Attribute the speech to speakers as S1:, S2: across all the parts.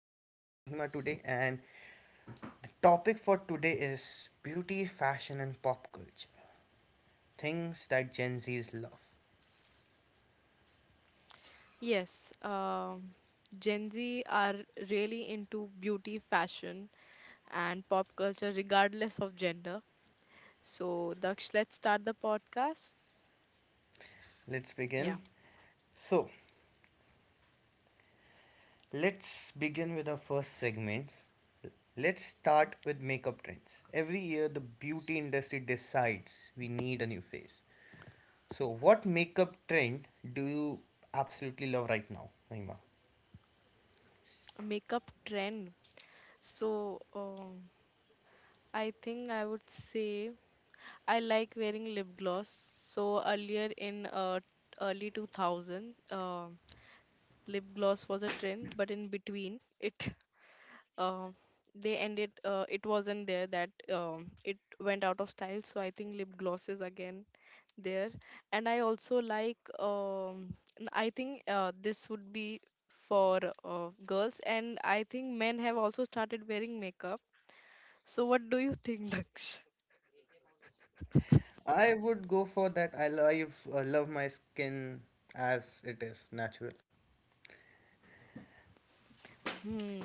S1: and I am with Mahima today and topic for today is beauty, fashion and pop culture. Things that Gen Z's love.
S2: Yes, um, Gen Z are really into beauty, fashion, and pop culture, regardless of gender. So, Daksh, let's start the podcast.
S1: Let's
S2: Yeah,
S1: begin. So, let's begin with our first segments. Let's start with makeup trends. Every year the beauty industry decides we need a new face. So, what makeup trend do you absolutely love right now, Mahima?
S2: a makeup trend. So, um, I think I would say I like wearing lip gloss. So, earlier in early 2000, lip gloss was a trend, but in between, it uh, they ended it wasn't there that it went out of style. So I think lip gloss is again there. And I also like I think this would be for girls, and I think men have also started wearing makeup. So what do you think, Daksh?
S1: I would go for that. I love, love my skin as it is natural.
S2: Hmm.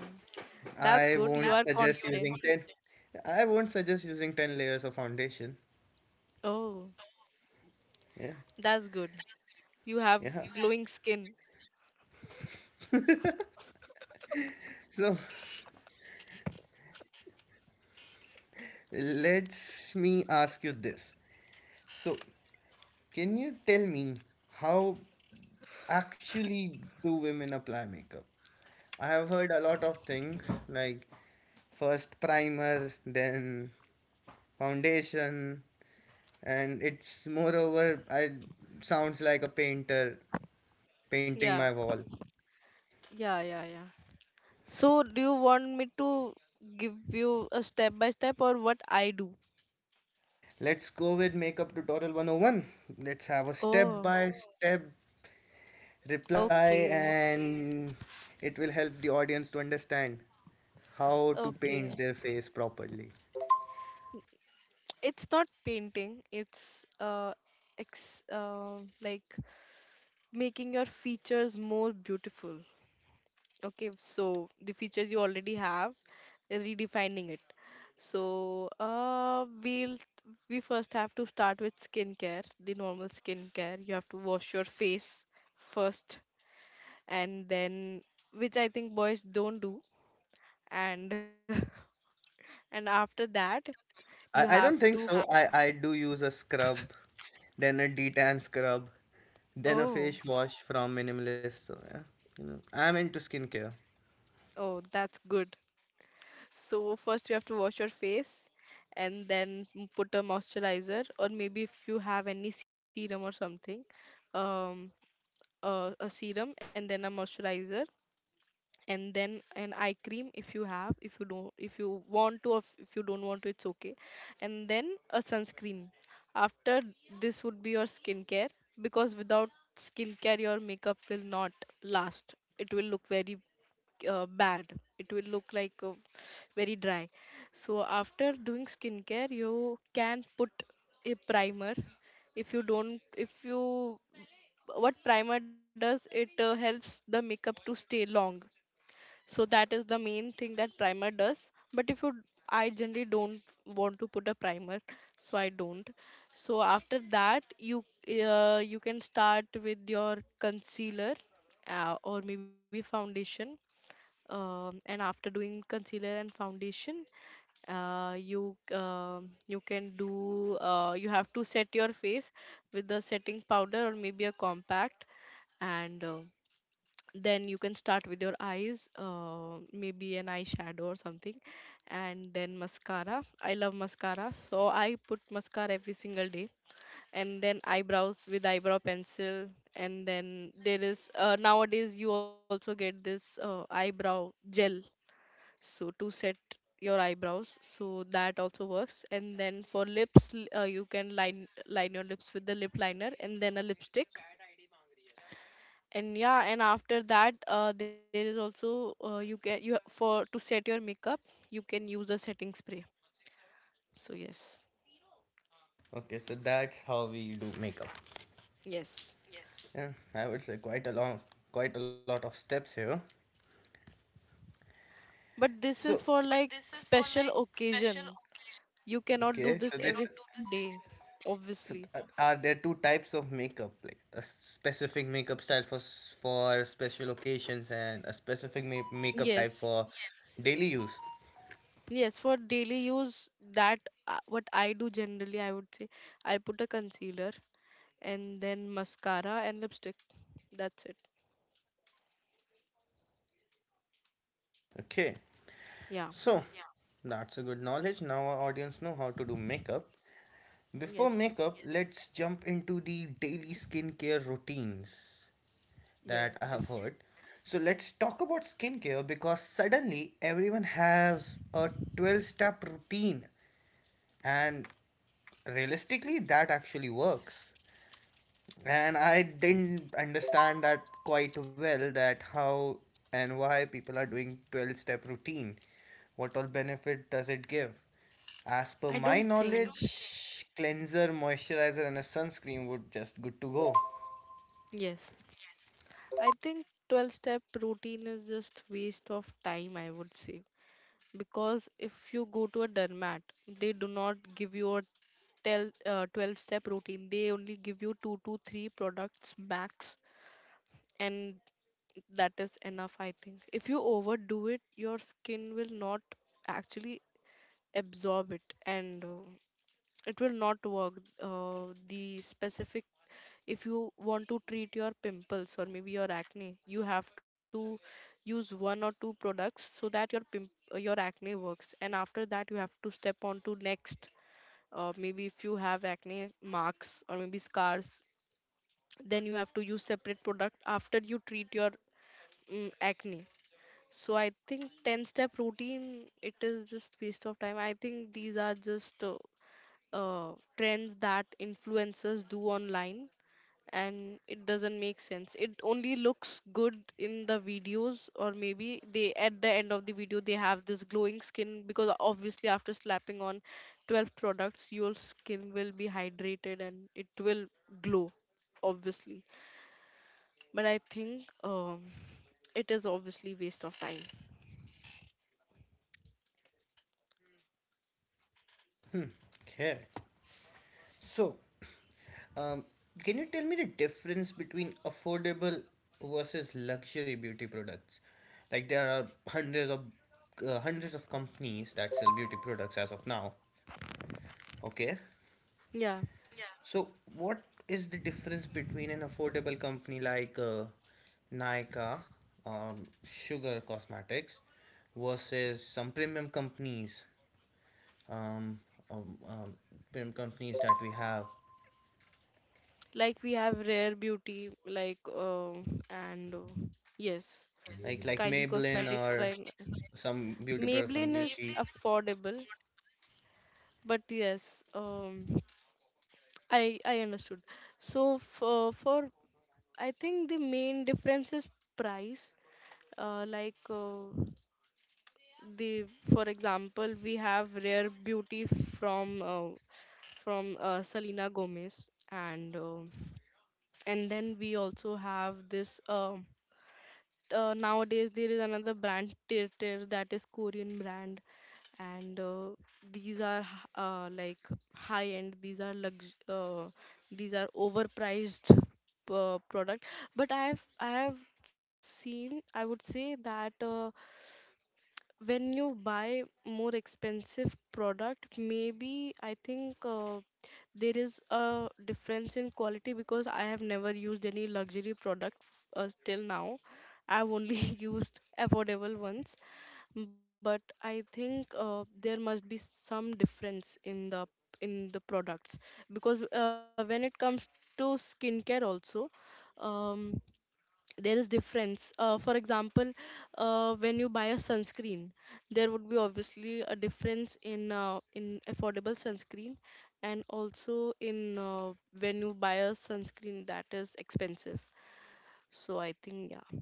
S2: That's
S1: I
S2: good,
S1: won't
S2: you
S1: That's
S2: are
S1: so suggest
S2: confident.
S1: using beautiful. Ten. I won't suggest using ten layers of foundation.
S2: Oh,
S1: Yeah,
S2: that's good, you have
S1: yeah.
S2: glowing skin.
S1: So let's me ask you this. So can you tell me how actually do women apply makeup? I have heard a lot of things like first primer, then foundation, and it's moreover I sounds like a painter painting my
S2: Yeah.
S1: wall.
S2: Yeah. So, do you want me to give you a step by step, or what I do?
S1: Let's go with makeup tutorial 101. Let's have a step
S2: Oh,
S1: by step reply
S2: okay.
S1: and it will help the audience to understand how to
S2: Okay.
S1: paint their face properly.
S2: It's not painting, it's ex like making your features more beautiful. Okay, so the features you already have, redefining it. So we first have to start with skincare, the normal skincare. You have to wash your face first, and then, which I think boys don't do, and and after that you
S1: I,
S2: have
S1: I don't
S2: to...
S1: think so. I do use a scrub, then a detan scrub, then a
S2: Oh.
S1: face wash from minimalist. So yeah, you know, I'm into skincare.
S2: Oh, that's good. So first you have to wash your face, and then put a moisturizer, or maybe if you have any serum or something. um a serum and then a moisturizer, and then an eye cream if you have, if you don't, if you want to, or if you don't want to, it's okay. And then a sunscreen after. This would be your skincare, because without skincare your makeup will not last, it will look very bad. It will look like very dry. So after doing skincare you can put a primer if you don't, if you... What primer does, it helps the makeup to stay long. So that is the main thing that primer does. But if you... I generally don't want to put a primer, so I don't. So after that you... You can start with your concealer, or maybe foundation. And after doing concealer and foundation, you can do you have to set your face with the setting powder, or maybe a compact. And then you can start with your eyes, maybe an eyeshadow or something. And then mascara. I love mascara, so I put mascara every single day. And then eyebrows, with eyebrow pencil. And then there is, nowadays, you also get this eyebrow gel, so to set your eyebrows, so that also works. And then for lips, you can line your lips with the lip liner, and then a lipstick. And yeah. And after that, there is also, you can you for to set your makeup, you can use a setting spray. So yes.
S1: Okay, so that's how we do makeup.
S2: Yes,
S1: Yeah, I would say quite a long, quite a lot of steps here.
S2: but
S1: So,
S2: this is for like special occasion, you cannot
S1: okay,
S2: do
S1: You so
S2: this
S1: this,
S2: every day,
S1: so
S2: obviously.
S1: th- are there two types of makeup, like a specific makeup style for for special occasions and a specific makeup type
S2: Yes.
S1: for daily use?
S2: Yes, for daily use, that... What I do generally, I would say, I put a concealer and then mascara and lipstick. That's it.
S1: Okay,
S2: Yeah.
S1: so that's a good knowledge. Now our audience know how to do makeup. Before
S2: Yes.
S1: makeup, yes, let's jump into the daily skincare routines that I
S2: yes
S1: have heard. So let's talk about skincare because suddenly everyone has a 12 step routine and realistically that actually works. And I didn't understand that quite well that how and why people are doing 12 step routine. What all benefit does it give? As per
S2: i
S1: my
S2: don't think
S1: knowledge, cleanser, moisturizer and a sunscreen would just good to go.
S2: Yes, I think 12 step routine is just waste of time, I would say. Because if you go to a dermat, they do not give you a tell, 12 step routine. They only give you 2 to 3 products max, and that is enough, I think. If you overdo it, your skin will not actually absorb it, and it will not work. The specific, if you want to treat your pimples or maybe your acne, you have to use one or two products so that your pimp your acne works. And after that you have to step on to next. Maybe if you have acne marks or maybe scars, then you have to use separate product after you treat your acne. So I think 10 step routine, it is just waste of time. I think these are just trends that influencers do online, and it doesn't make sense. It only looks good in the videos, or maybe they, at the end of the video, they have this glowing skin, because obviously after slapping on 12 products, your skin will be hydrated and it will glow, obviously. But I think it is obviously waste of time.
S1: Okay. So, Um, can you tell me the difference between affordable versus luxury beauty products? Like there are hundreds of companies that sell beauty products as of now. Okay,
S2: Yeah,
S1: so what is the difference between an affordable company like Nykaa, Sugar Cosmetics, versus some um, um, um, premium companies that we have
S2: like we have rare beauty, like and yes,
S1: like
S2: Kylie
S1: Maybelline
S2: Cosmetics
S1: or
S2: right now.
S1: some beauty product from
S2: Maybelline is
S1: Gucci.
S2: affordable, but yes, I understood. So, for I think the main difference is price. Like the For example, we have rare beauty from Selena Gomez, and then we also have this nowadays there is another brand Tirtir, that is Korean brand. And these are like high end. These are lux. These are overpriced product. But I have seen, I would say that. When you buy more expensive product, maybe I think there is a difference in quality, because I have never used any luxury product till now. I've only used affordable ones. But I think there must be some difference in the products, because when it comes to skincare also, um, there is difference. For example, when you buy a sunscreen, there would be obviously a difference in affordable sunscreen, and also in, when you buy a sunscreen that is expensive. So I think, yeah,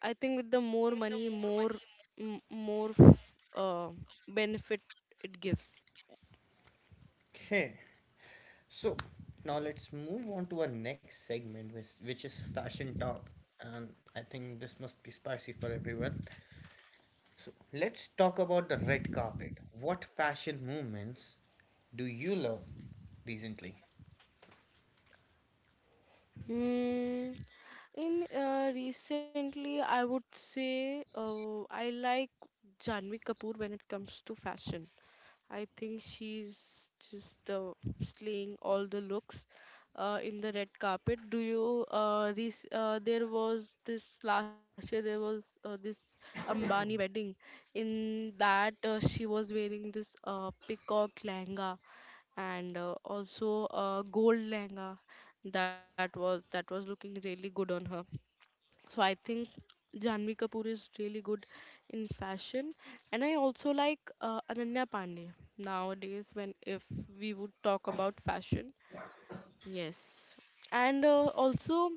S2: I think with the more money, more benefit it gives.
S1: Okay, so now let's move on to our next segment, which is fashion talk. And I think this must be spicy for everyone. So let's talk about the red carpet. What fashion movements do you love recently?
S2: Mm, in recently, I would say I like Janvi Kapoor when it comes to fashion. I think she's just slaying all the looks in the red carpet. Do you... this there was this last year, there was this Ambani wedding. In that, she was wearing this peacock lehenga, and also gold lehenga. That was looking really good on her. So I think Janvi Kapoor is really good in fashion. And I also like Ananya Pandey nowadays, when if we would talk about fashion. Yes. And also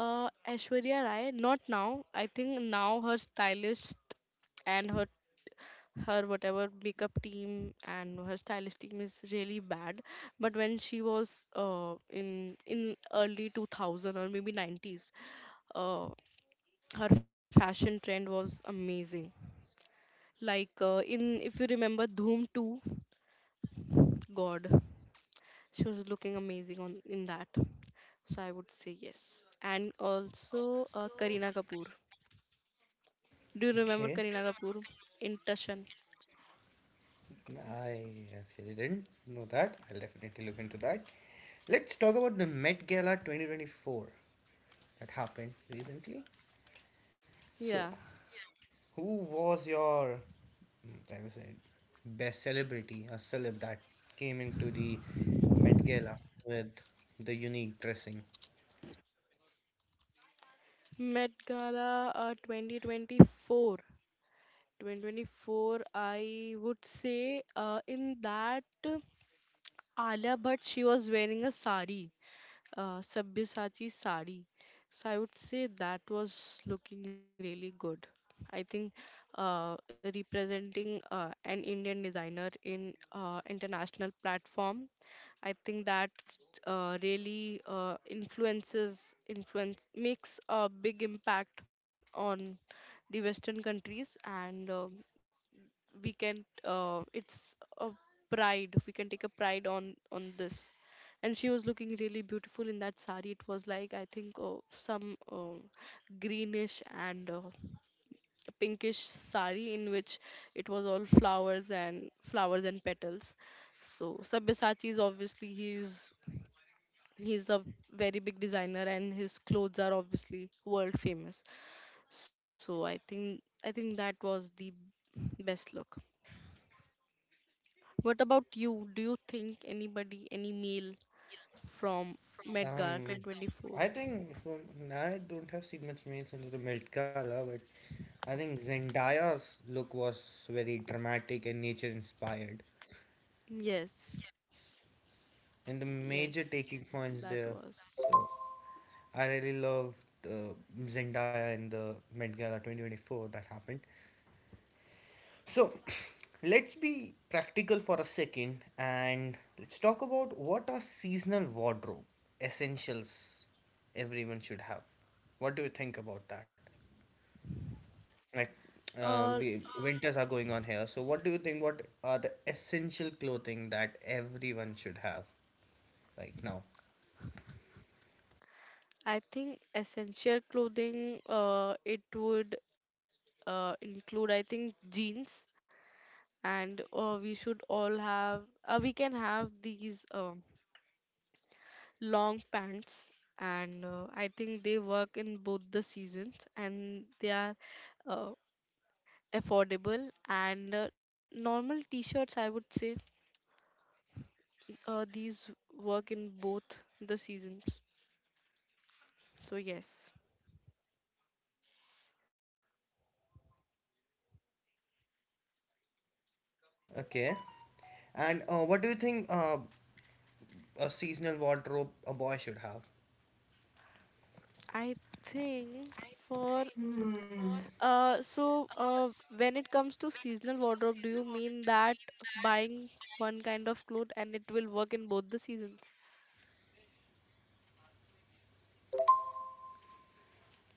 S2: Aishwarya Rai. Not now. I think now her stylist, and her, her whatever makeup team and her stylist team, is really bad. But when she was, in early 2000, or maybe 90s, uh, her fashion trend was amazing. Like, in if you remember Dhoom 2, god, she was looking amazing on, in that. So I would say yes. And also Kareena Kapoor. Do you remember
S1: Okay,
S2: Kareena Kapoor in Tushan?
S1: I actually didn't know that. I'll definitely look into that. Let's talk about the Met Gala 2024 that happened recently.
S2: Yeah.
S1: So, who was your, mm, I would say, best celebrity, a celeb that came into the Met Gala with the unique dressing?
S2: Met Gala 2024, I would say, in that, Alia, but she was wearing a sari, Sabyasachi sari. So I would say that was looking really good. I think uh, representing an Indian designer in international platform, I think that really influence makes a big impact on the Western countries. And we can, it's a pride, we can take a pride on this. And she was looking really beautiful in that sari. It was like, I think, some greenish and pinkish sari, in which it was all flowers and flowers and petals. So Sabyasachi is obviously, he's a very big designer, and his clothes are obviously world famous. So I think that was the best look. What about you? Do you think anybody, any meal from Medgar
S1: Um,
S2: 2024?
S1: I think so. I don't have seen much memes into the Met Gala, but I think Zendaya's look was very dramatic and nature inspired,
S2: Yes,
S1: and the major
S2: yes,
S1: taking points
S2: that
S1: there.
S2: was.
S1: So I really loved uh, Zendaya in the Met Gala 2024 that happened. So let's be practical for a second and let's talk about what are seasonal wardrobe essentials everyone should have. What do you think about that? Like,
S2: Uh,
S1: we winters are going on here, so what do you think? What are the essential clothing that everyone should have right now?
S2: I think essential clothing, it would include, I think, jeans. And we should all have, we can have these long pants. And I think they work in both the seasons, and they are uh, affordable. And normal t-shirts, I would say, these work in both the seasons. So yes.
S1: Okay, and what do you think a seasonal wardrobe a boy should have?
S2: I think for, uh so uh when it comes to seasonal wardrobe, do you mean that buying one kind of cloth and it will work in both the seasons?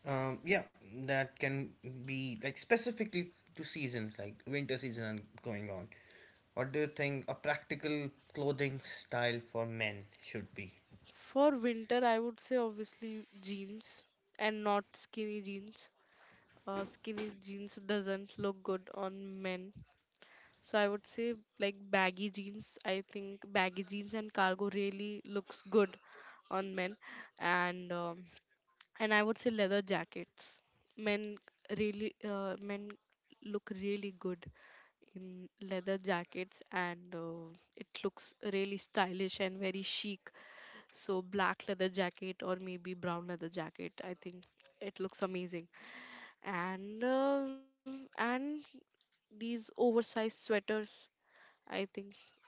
S1: Yeah, that can be like specifically to seasons, like winter season and going on. What do you think a practical clothing style for men should be?
S2: For winter I would say obviously jeans, and not skinny jeans. Skinny jeans doesn't look good on men. So I would say like baggy jeans. I think baggy jeans and cargo really looks good on men. And and I would say leather jackets. Men men look really good in leather jackets, and it looks really stylish and very chic. So black leather jacket or maybe brown leather jacket. I think it looks amazing. And and these oversized sweaters, I think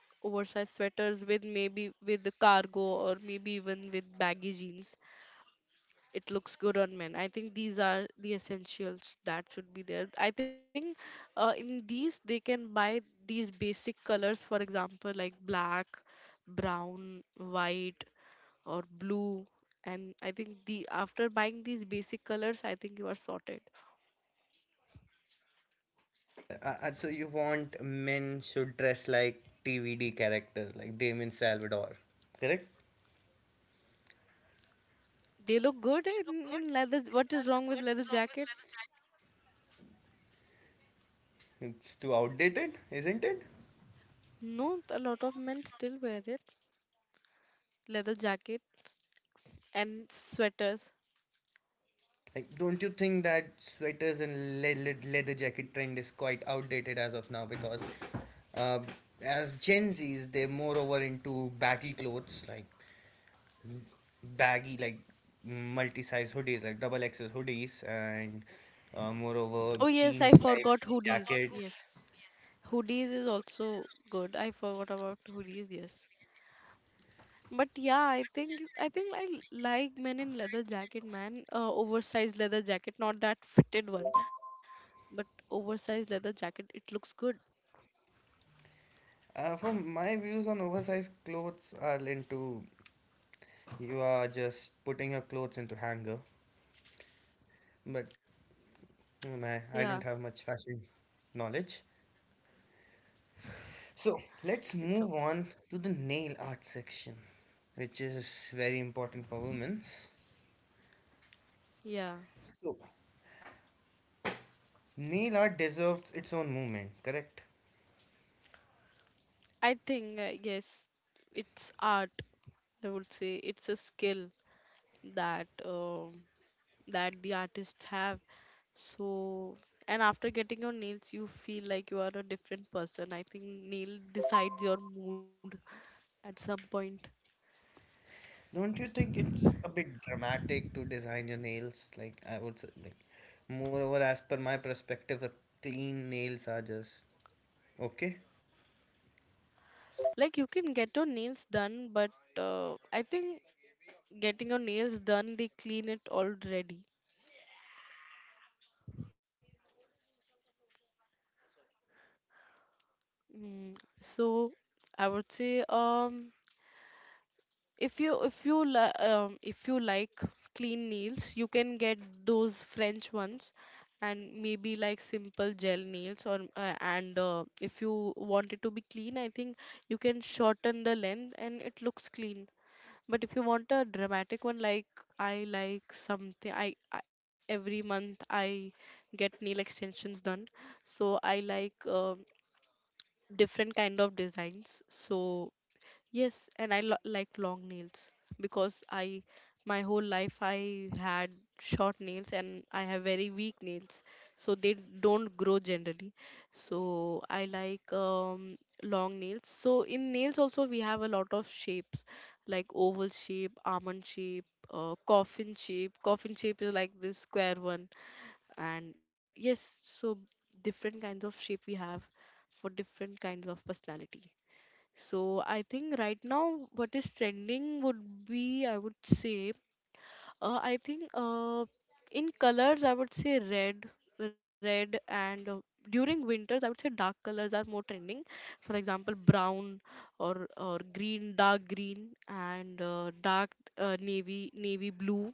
S2: oversized sweaters with maybe with the cargo, or maybe even with baggy jeans, it looks good on men. I think these are the essentials that should be there. I think in these they can buy these basic colors, for example, like black, brown, white, or blue. And I think the after buying these basic colors, I think you are sorted.
S1: So you want men should dress like TVD characters, like Damien Salvador, correct?
S2: They look good in leather. What is wrong with leather jacket?
S1: It's too outdated, isn't it?
S2: No, a lot of men still wear it. Leather jacket and sweaters.
S1: Like, don't you think that sweaters and leather jacket trend is quite outdated as of now? Because uh, as Gen Zs, they're more over into baggy clothes, like baggy, like multi-size hoodies, like double XL hoodies, and moreover
S2: Oh yes, I
S1: jeans type Oversized
S2: forgot
S1: cotton
S2: hoodies.
S1: jackets.
S2: Yes.
S1: Hoodies.
S2: Hoodies is also good. I forgot about hoodies, yes. But yeah, I think I like men in leather jacket, man. Oversized leather jacket, not that fitted one, but oversized leather jacket. It looks good.
S1: Yes. From my views on oversized clothes are into you are just putting your clothes into hanger. But I don't
S2: Yeah,
S1: have much fashion knowledge. So let's
S2: it's
S1: move
S2: okay.
S1: on to the nail art section, which is very important for women.
S2: Yeah.
S1: So, nail art deserves its own movement, correct?
S2: I think yes, it's art. I would say it's a skill that um that the artists have. So, and after getting your nails, you feel like you are a different person. I think nail decides your mood at some point.
S1: Don't you think it's a bit dramatic to design your nails? Like, I would say, like, moreover, as per my perspective, a clean nails are just okay.
S2: Like you can get your nails done, but I think getting your nails done, they clean it already. Mm, so I would say if you like clean nails, you can get those french ones, and maybe like simple gel nails, or and if you want it to be clean, I think you can shorten the length and it looks clean. But if you want a dramatic one, like, I like something. I every month I get nail extensions done, so I like different kind of designs. So yes, and I like long nails, because I, my whole life I had short nails, and I have very weak nails, so they don't grow generally. So I like long nails. So in nails also we have a lot of shapes, like oval shape, almond shape, coffin shape. Coffin shape is like this square one, and yes, so different kinds of shape we have for different kinds of personality. So I think right now what is trending would be, I would say I think, in colors I would say red and, during winters I would say dark colors are more trending, for example brown, or green, dark green, and dark, navy blue,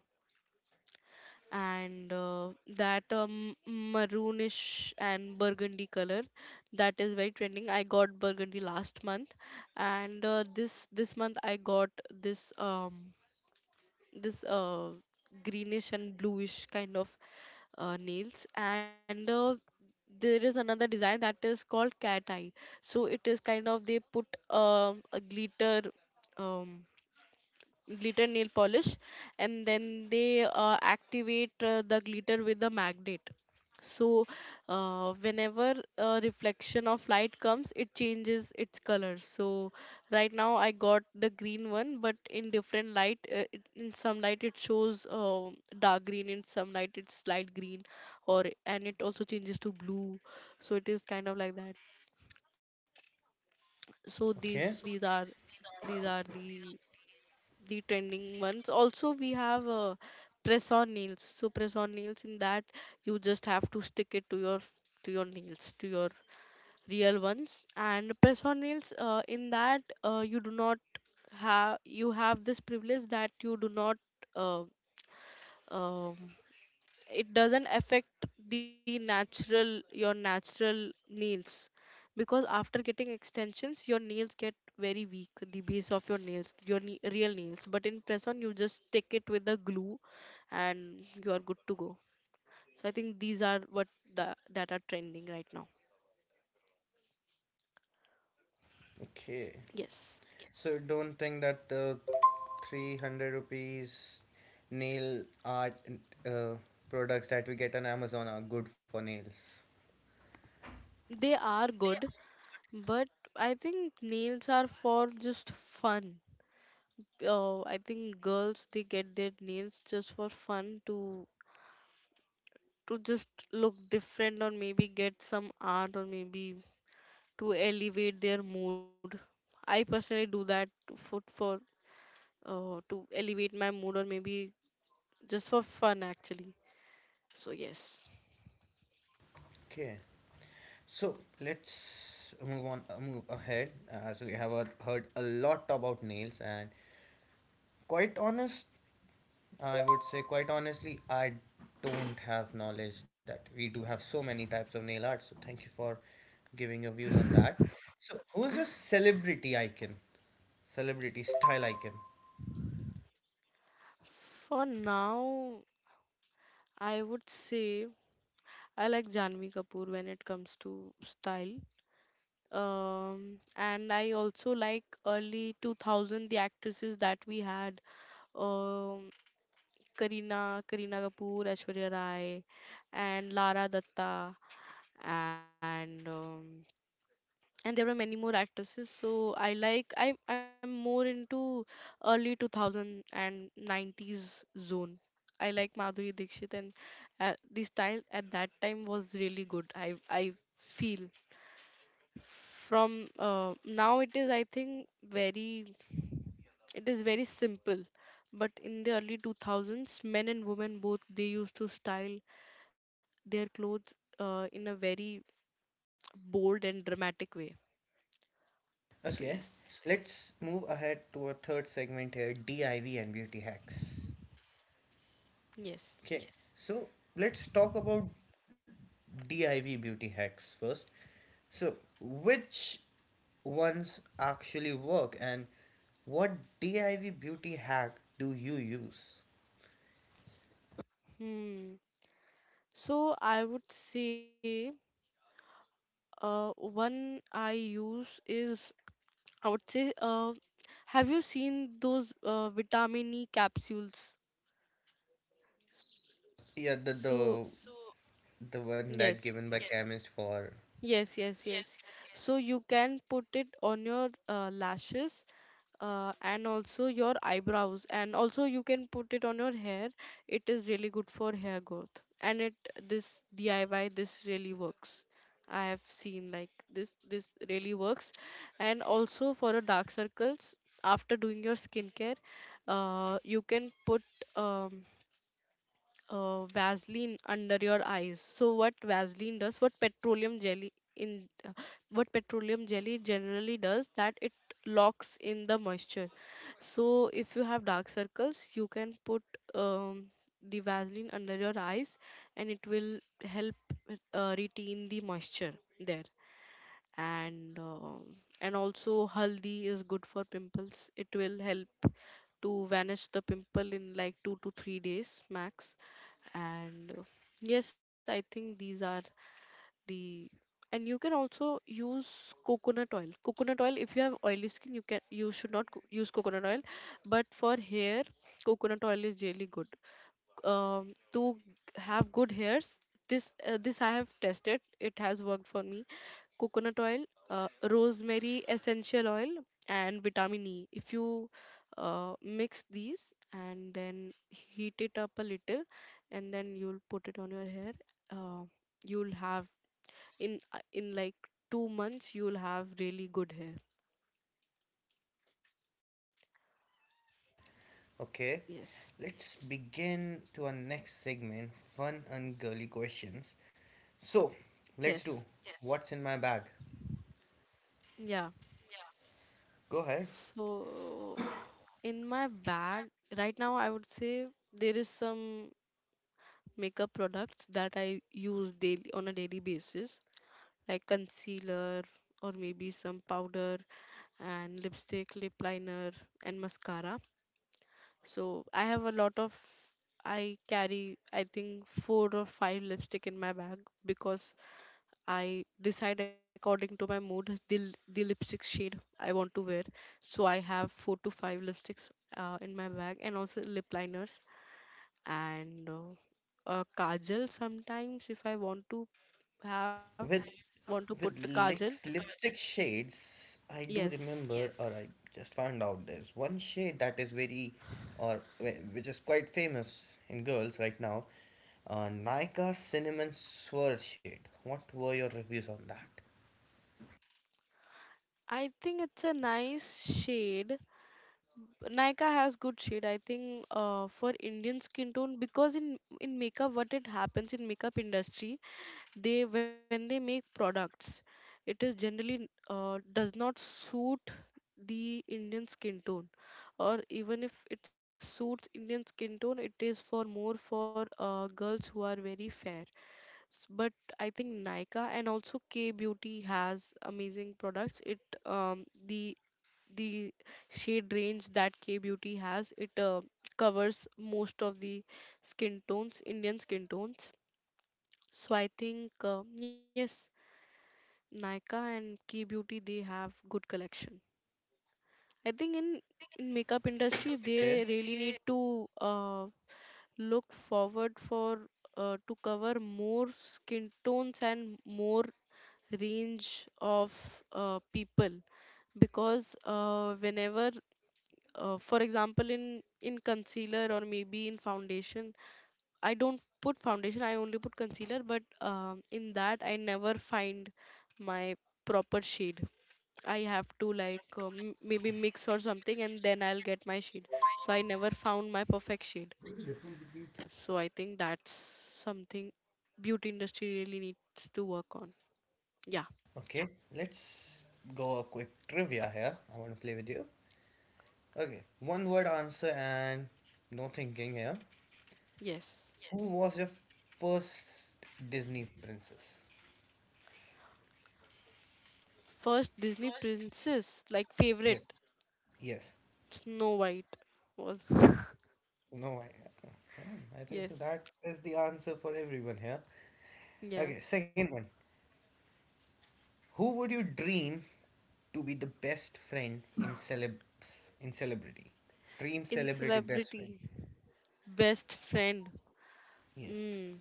S2: and that maroonish and burgundy color. That is very trending. I got burgundy last month, and this month I got this, this uh greenish and bluish kind of nails. And there is another design that is called cat eye. So it is kind of, they put a um glitter nail polish, and then they activate the glitter with the magnet. So whenever a reflection of light comes, it changes its color. So right now I got the green one, but in different light, in some light it shows dark green, in some light it's light green, or and it also changes to blue. So it is kind of like that. So these
S1: Okay,
S2: these
S1: So
S2: are these are the trending ones. Also, we have press on nails. So press on nails, in that you just have to stick it to your nails, to your real ones. And press on nails, in that, you do not have, you have this privilege that you do not, uh, um it doesn't affect the natural your natural nails, because after getting extensions your nails get very weak, the base of your nails, your real nails. But in press on you just stick it with the glue, and you are good to go. So I think these are what that are trending right now.
S1: okay.
S2: Yes.
S1: So, you yes, don't think that the 300 rupees nail art uh, products that we get on Amazon are good for nails.
S2: They are good, but I think nails are for just fun. I think girls, they get their nails just for fun, to just look different, or maybe get some art, or maybe to elevate their mood. I personally do that for to elevate my mood, or maybe just for fun actually. So yes.
S1: Okay, so let's move on, move ahead. So we have heard a lot about nails, and quite honest, quite honestly, I don't have knowledge that we do have so many types of nail art. So thank you for giving your views on that. So who's your celebrity icon? Celebrity style icon.
S2: For now, I would say I like Janvi Kapoor when it comes to style, um and I also like early 2000, the actresses that we had, um Karina Kapoor, Aishwarya Rai, and Lara Datta, and, there were many more actresses. So I like I I'm more into early 2000 and 90s zone. I like Madhuri Dixit, and the style at that time was really good. I feel from now, it is, I think, very, it is very simple, but in the early 2000s men and women both, they used to style their clothes in a very bold and dramatic way. So
S1: Okay.
S2: yes,
S1: Let's move ahead to a third segment here, DIY and beauty hacks.
S2: yes.
S1: Okay, so let's talk about DIY beauty hacks first. So, which ones actually work and what DIY beauty hack do you use?
S2: Hmm. So I would say one I use is, I would say, have you seen those vitamin E capsules?
S1: Yeah,
S2: So
S1: the one that
S2: yes,
S1: given by chemist for
S2: yes, yes, yes. So you can put it on your lashes, and also your eyebrows, and also you can put it on your hair. It is really good for hair growth, and it this DIY, this really works. I have seen, like, this really works. And also for your dark circles, after doing your skincare, you can put, um, Vaseline under your eyes. So what Vaseline does, what petroleum jelly in what petroleum jelly generally does, that it locks in the moisture. So if you have dark circles, you can put um, the Vaseline under your eyes, and it will help retain the moisture there. And also haldi is good for pimples. It will help to vanish the pimple in like 2 to 3 days max. And yes, I think these are the and you can also use Coconut oil if you have oily skin, you should not use coconut oil. But for hair, coconut oil is really good, to have good hairs. This, I have tested, it has worked for me. Coconut oil, rosemary essential oil, and vitamin E, if you mix these and then heat it up a little, and then you'll put it on your hair, uh, you'll have, in, in like 2 months, you'll have really good hair.
S1: okay
S2: Yes.
S1: let's begin to our next segment fun and girly questions. So
S2: Yes.
S1: let's do what's in my bag.
S2: Yeah.
S1: Go ahead
S2: So in my bag, right now, I would say there is some makeup products that I use daily, on a daily basis, like concealer or maybe some powder, and lipstick, lip liner, and mascara. So I have a lot of. I carry, I think, four or five lipstick in my bag, because I decide according to my mood the, the lipstick shade I want to wear. So I have four to five lipsticks in my bag, and also lip liners, and kajal sometimes, if I have
S1: with
S2: want to put the
S1: with
S2: kajal.
S1: lips, lipstick shades. I do
S2: Yes,
S1: remember, or I just found out there's one shade that is very, or which is quite famous in girls right now. Nykaa cinnamon swirl shade. What were your reviews on that?
S2: I think it's a nice shade. Nykaa has good shade, I think, for Indian skin tone, because in makeup, what it happens in makeup industry, they when they make products, it is generally, does not suit the Indian skin tone, or even if it suits Indian skin tone, it is for more for girls who are very fair. But I think Nykaa and also K beauty has amazing products. It, um, the the shade range that K beauty has, it covers most of the skin tones Indian skin tones. So I think yes, Nykaa and Key Beauty, they have good collection. I think in makeup industry
S1: Okay,
S2: they really need to look forward for to cover more skin tones, and more range of people. Because whenever, for example, in concealer or maybe in foundation, I don't put foundation, I only put concealer, but in that I never find my proper shade. I have to like, maybe mix or something, and then I'll get my shade. So I never found my perfect shade. So I think that's something beauty industry really needs to work on. Yeah.
S1: yeah. Okay. Let's go a quick trivia here. I want to play with you. Okay, one word answer and no thinking here.
S2: Yes.
S1: Who was your first Disney princess?
S2: First Disney princess, like favorite?
S1: Yes, yes.
S2: Snow White was.
S1: No, I, yeah, I think so.
S2: Yes.
S1: That is the answer for everyone here.
S2: Yeah.
S1: Okay, second one. Who would you dream to be the best friend in celebs in celebrity? Dream
S2: In
S1: celebrity best friend.
S2: celebrity, best friend.
S1: Yes.
S2: Mm,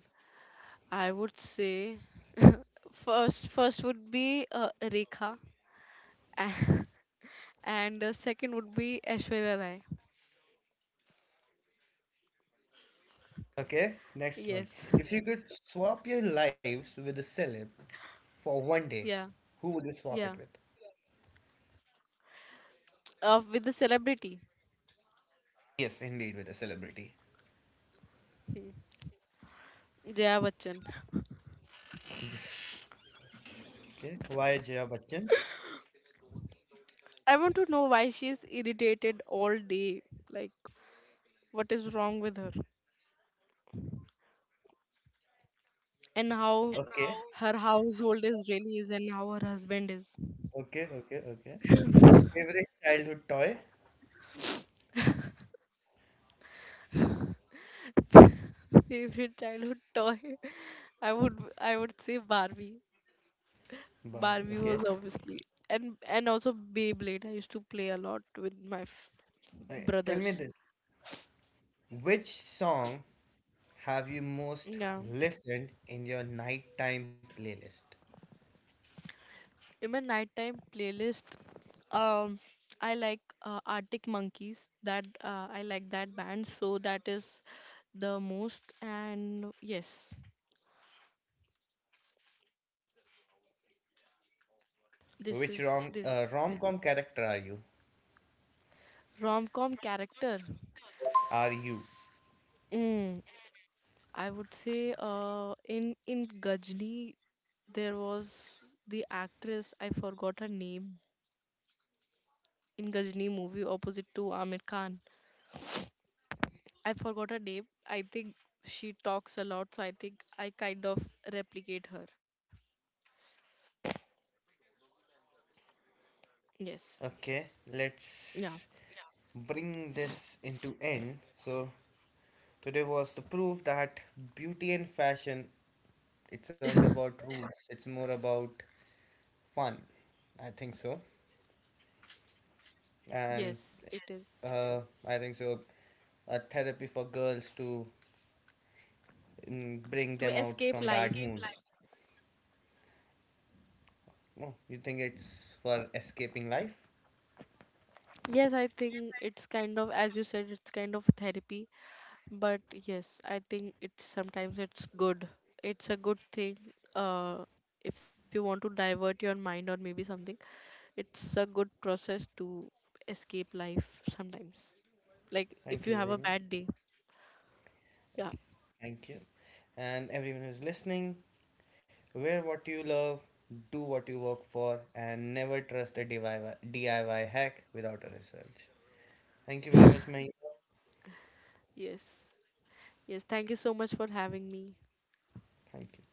S2: I would say, first, would be Rekha. And second would be Aishwarya Rai.
S1: Okay, next one.
S2: Yes,
S1: If you could swap your lives with a celeb for one
S2: yeah,
S1: day, who would you swap
S2: yeah.
S1: it with?
S2: With the celebrity,
S1: Yes, indeed, with a celebrity.
S2: hmm. Jaya Bachchan.
S1: okay, why Jaya Bachchan?
S2: I want to know why she is irritated all day. Like, what is wrong with her? And how
S1: Okay.
S2: her household is, really is, and how her husband is.
S1: Okay, okay, okay. Favorite childhood toy?
S2: Favorite childhood toy? I would say Barbie.
S1: But
S2: Barbie
S1: okay.
S2: was obviously, and also Beyblade. I used to play a lot with my
S1: Okay, tell me
S2: brothers.
S1: this. Which song have you most
S2: Yeah.
S1: listened in your nighttime playlist?
S2: In my nighttime playlist, um, I like Arctic Monkeys. That, I like that band, so that is the most. And yes, this
S1: Which
S2: is this.
S1: rom-com character are you?
S2: Rom-com character.
S1: Are you?
S2: Mm, I would say, in, Gajni, there was the actress, I forgot her name, in Gajni movie opposite to Amir Khan. I forgot her name. I think she talks a lot, so I think I kind of replicate her. Yes.
S1: Okay,
S2: Yeah.
S1: let's bring this into end. So today was the proof that beauty and fashion it's not about rules. It's more about fun. I think so. And
S2: Yes, it is.
S1: uh, I think so. A therapy for girls to bring
S2: To
S1: them out
S2: escape
S1: from To bad
S2: life.
S1: escape moods. Life. Oh, you think it's for escaping life?
S2: Yes, I think it's kind of, as you said, it's kind of therapy. But yes, I think it's sometimes it's good. It's a good thing. Uh, if you want to divert your mind or maybe something, it's a good process to escape life sometimes. Like, if
S1: Thank
S2: you
S1: you
S2: have
S1: very
S2: a bad
S1: much.
S2: day.
S1: Thank
S2: Yeah.
S1: you. Thank you. And everyone who's listening, wear what you love, do what you work for, and never trust a DIY hack without a research. Thank you very much, Mahima.
S2: Yes. Yes. Thank you so much for having me.
S1: Thank you.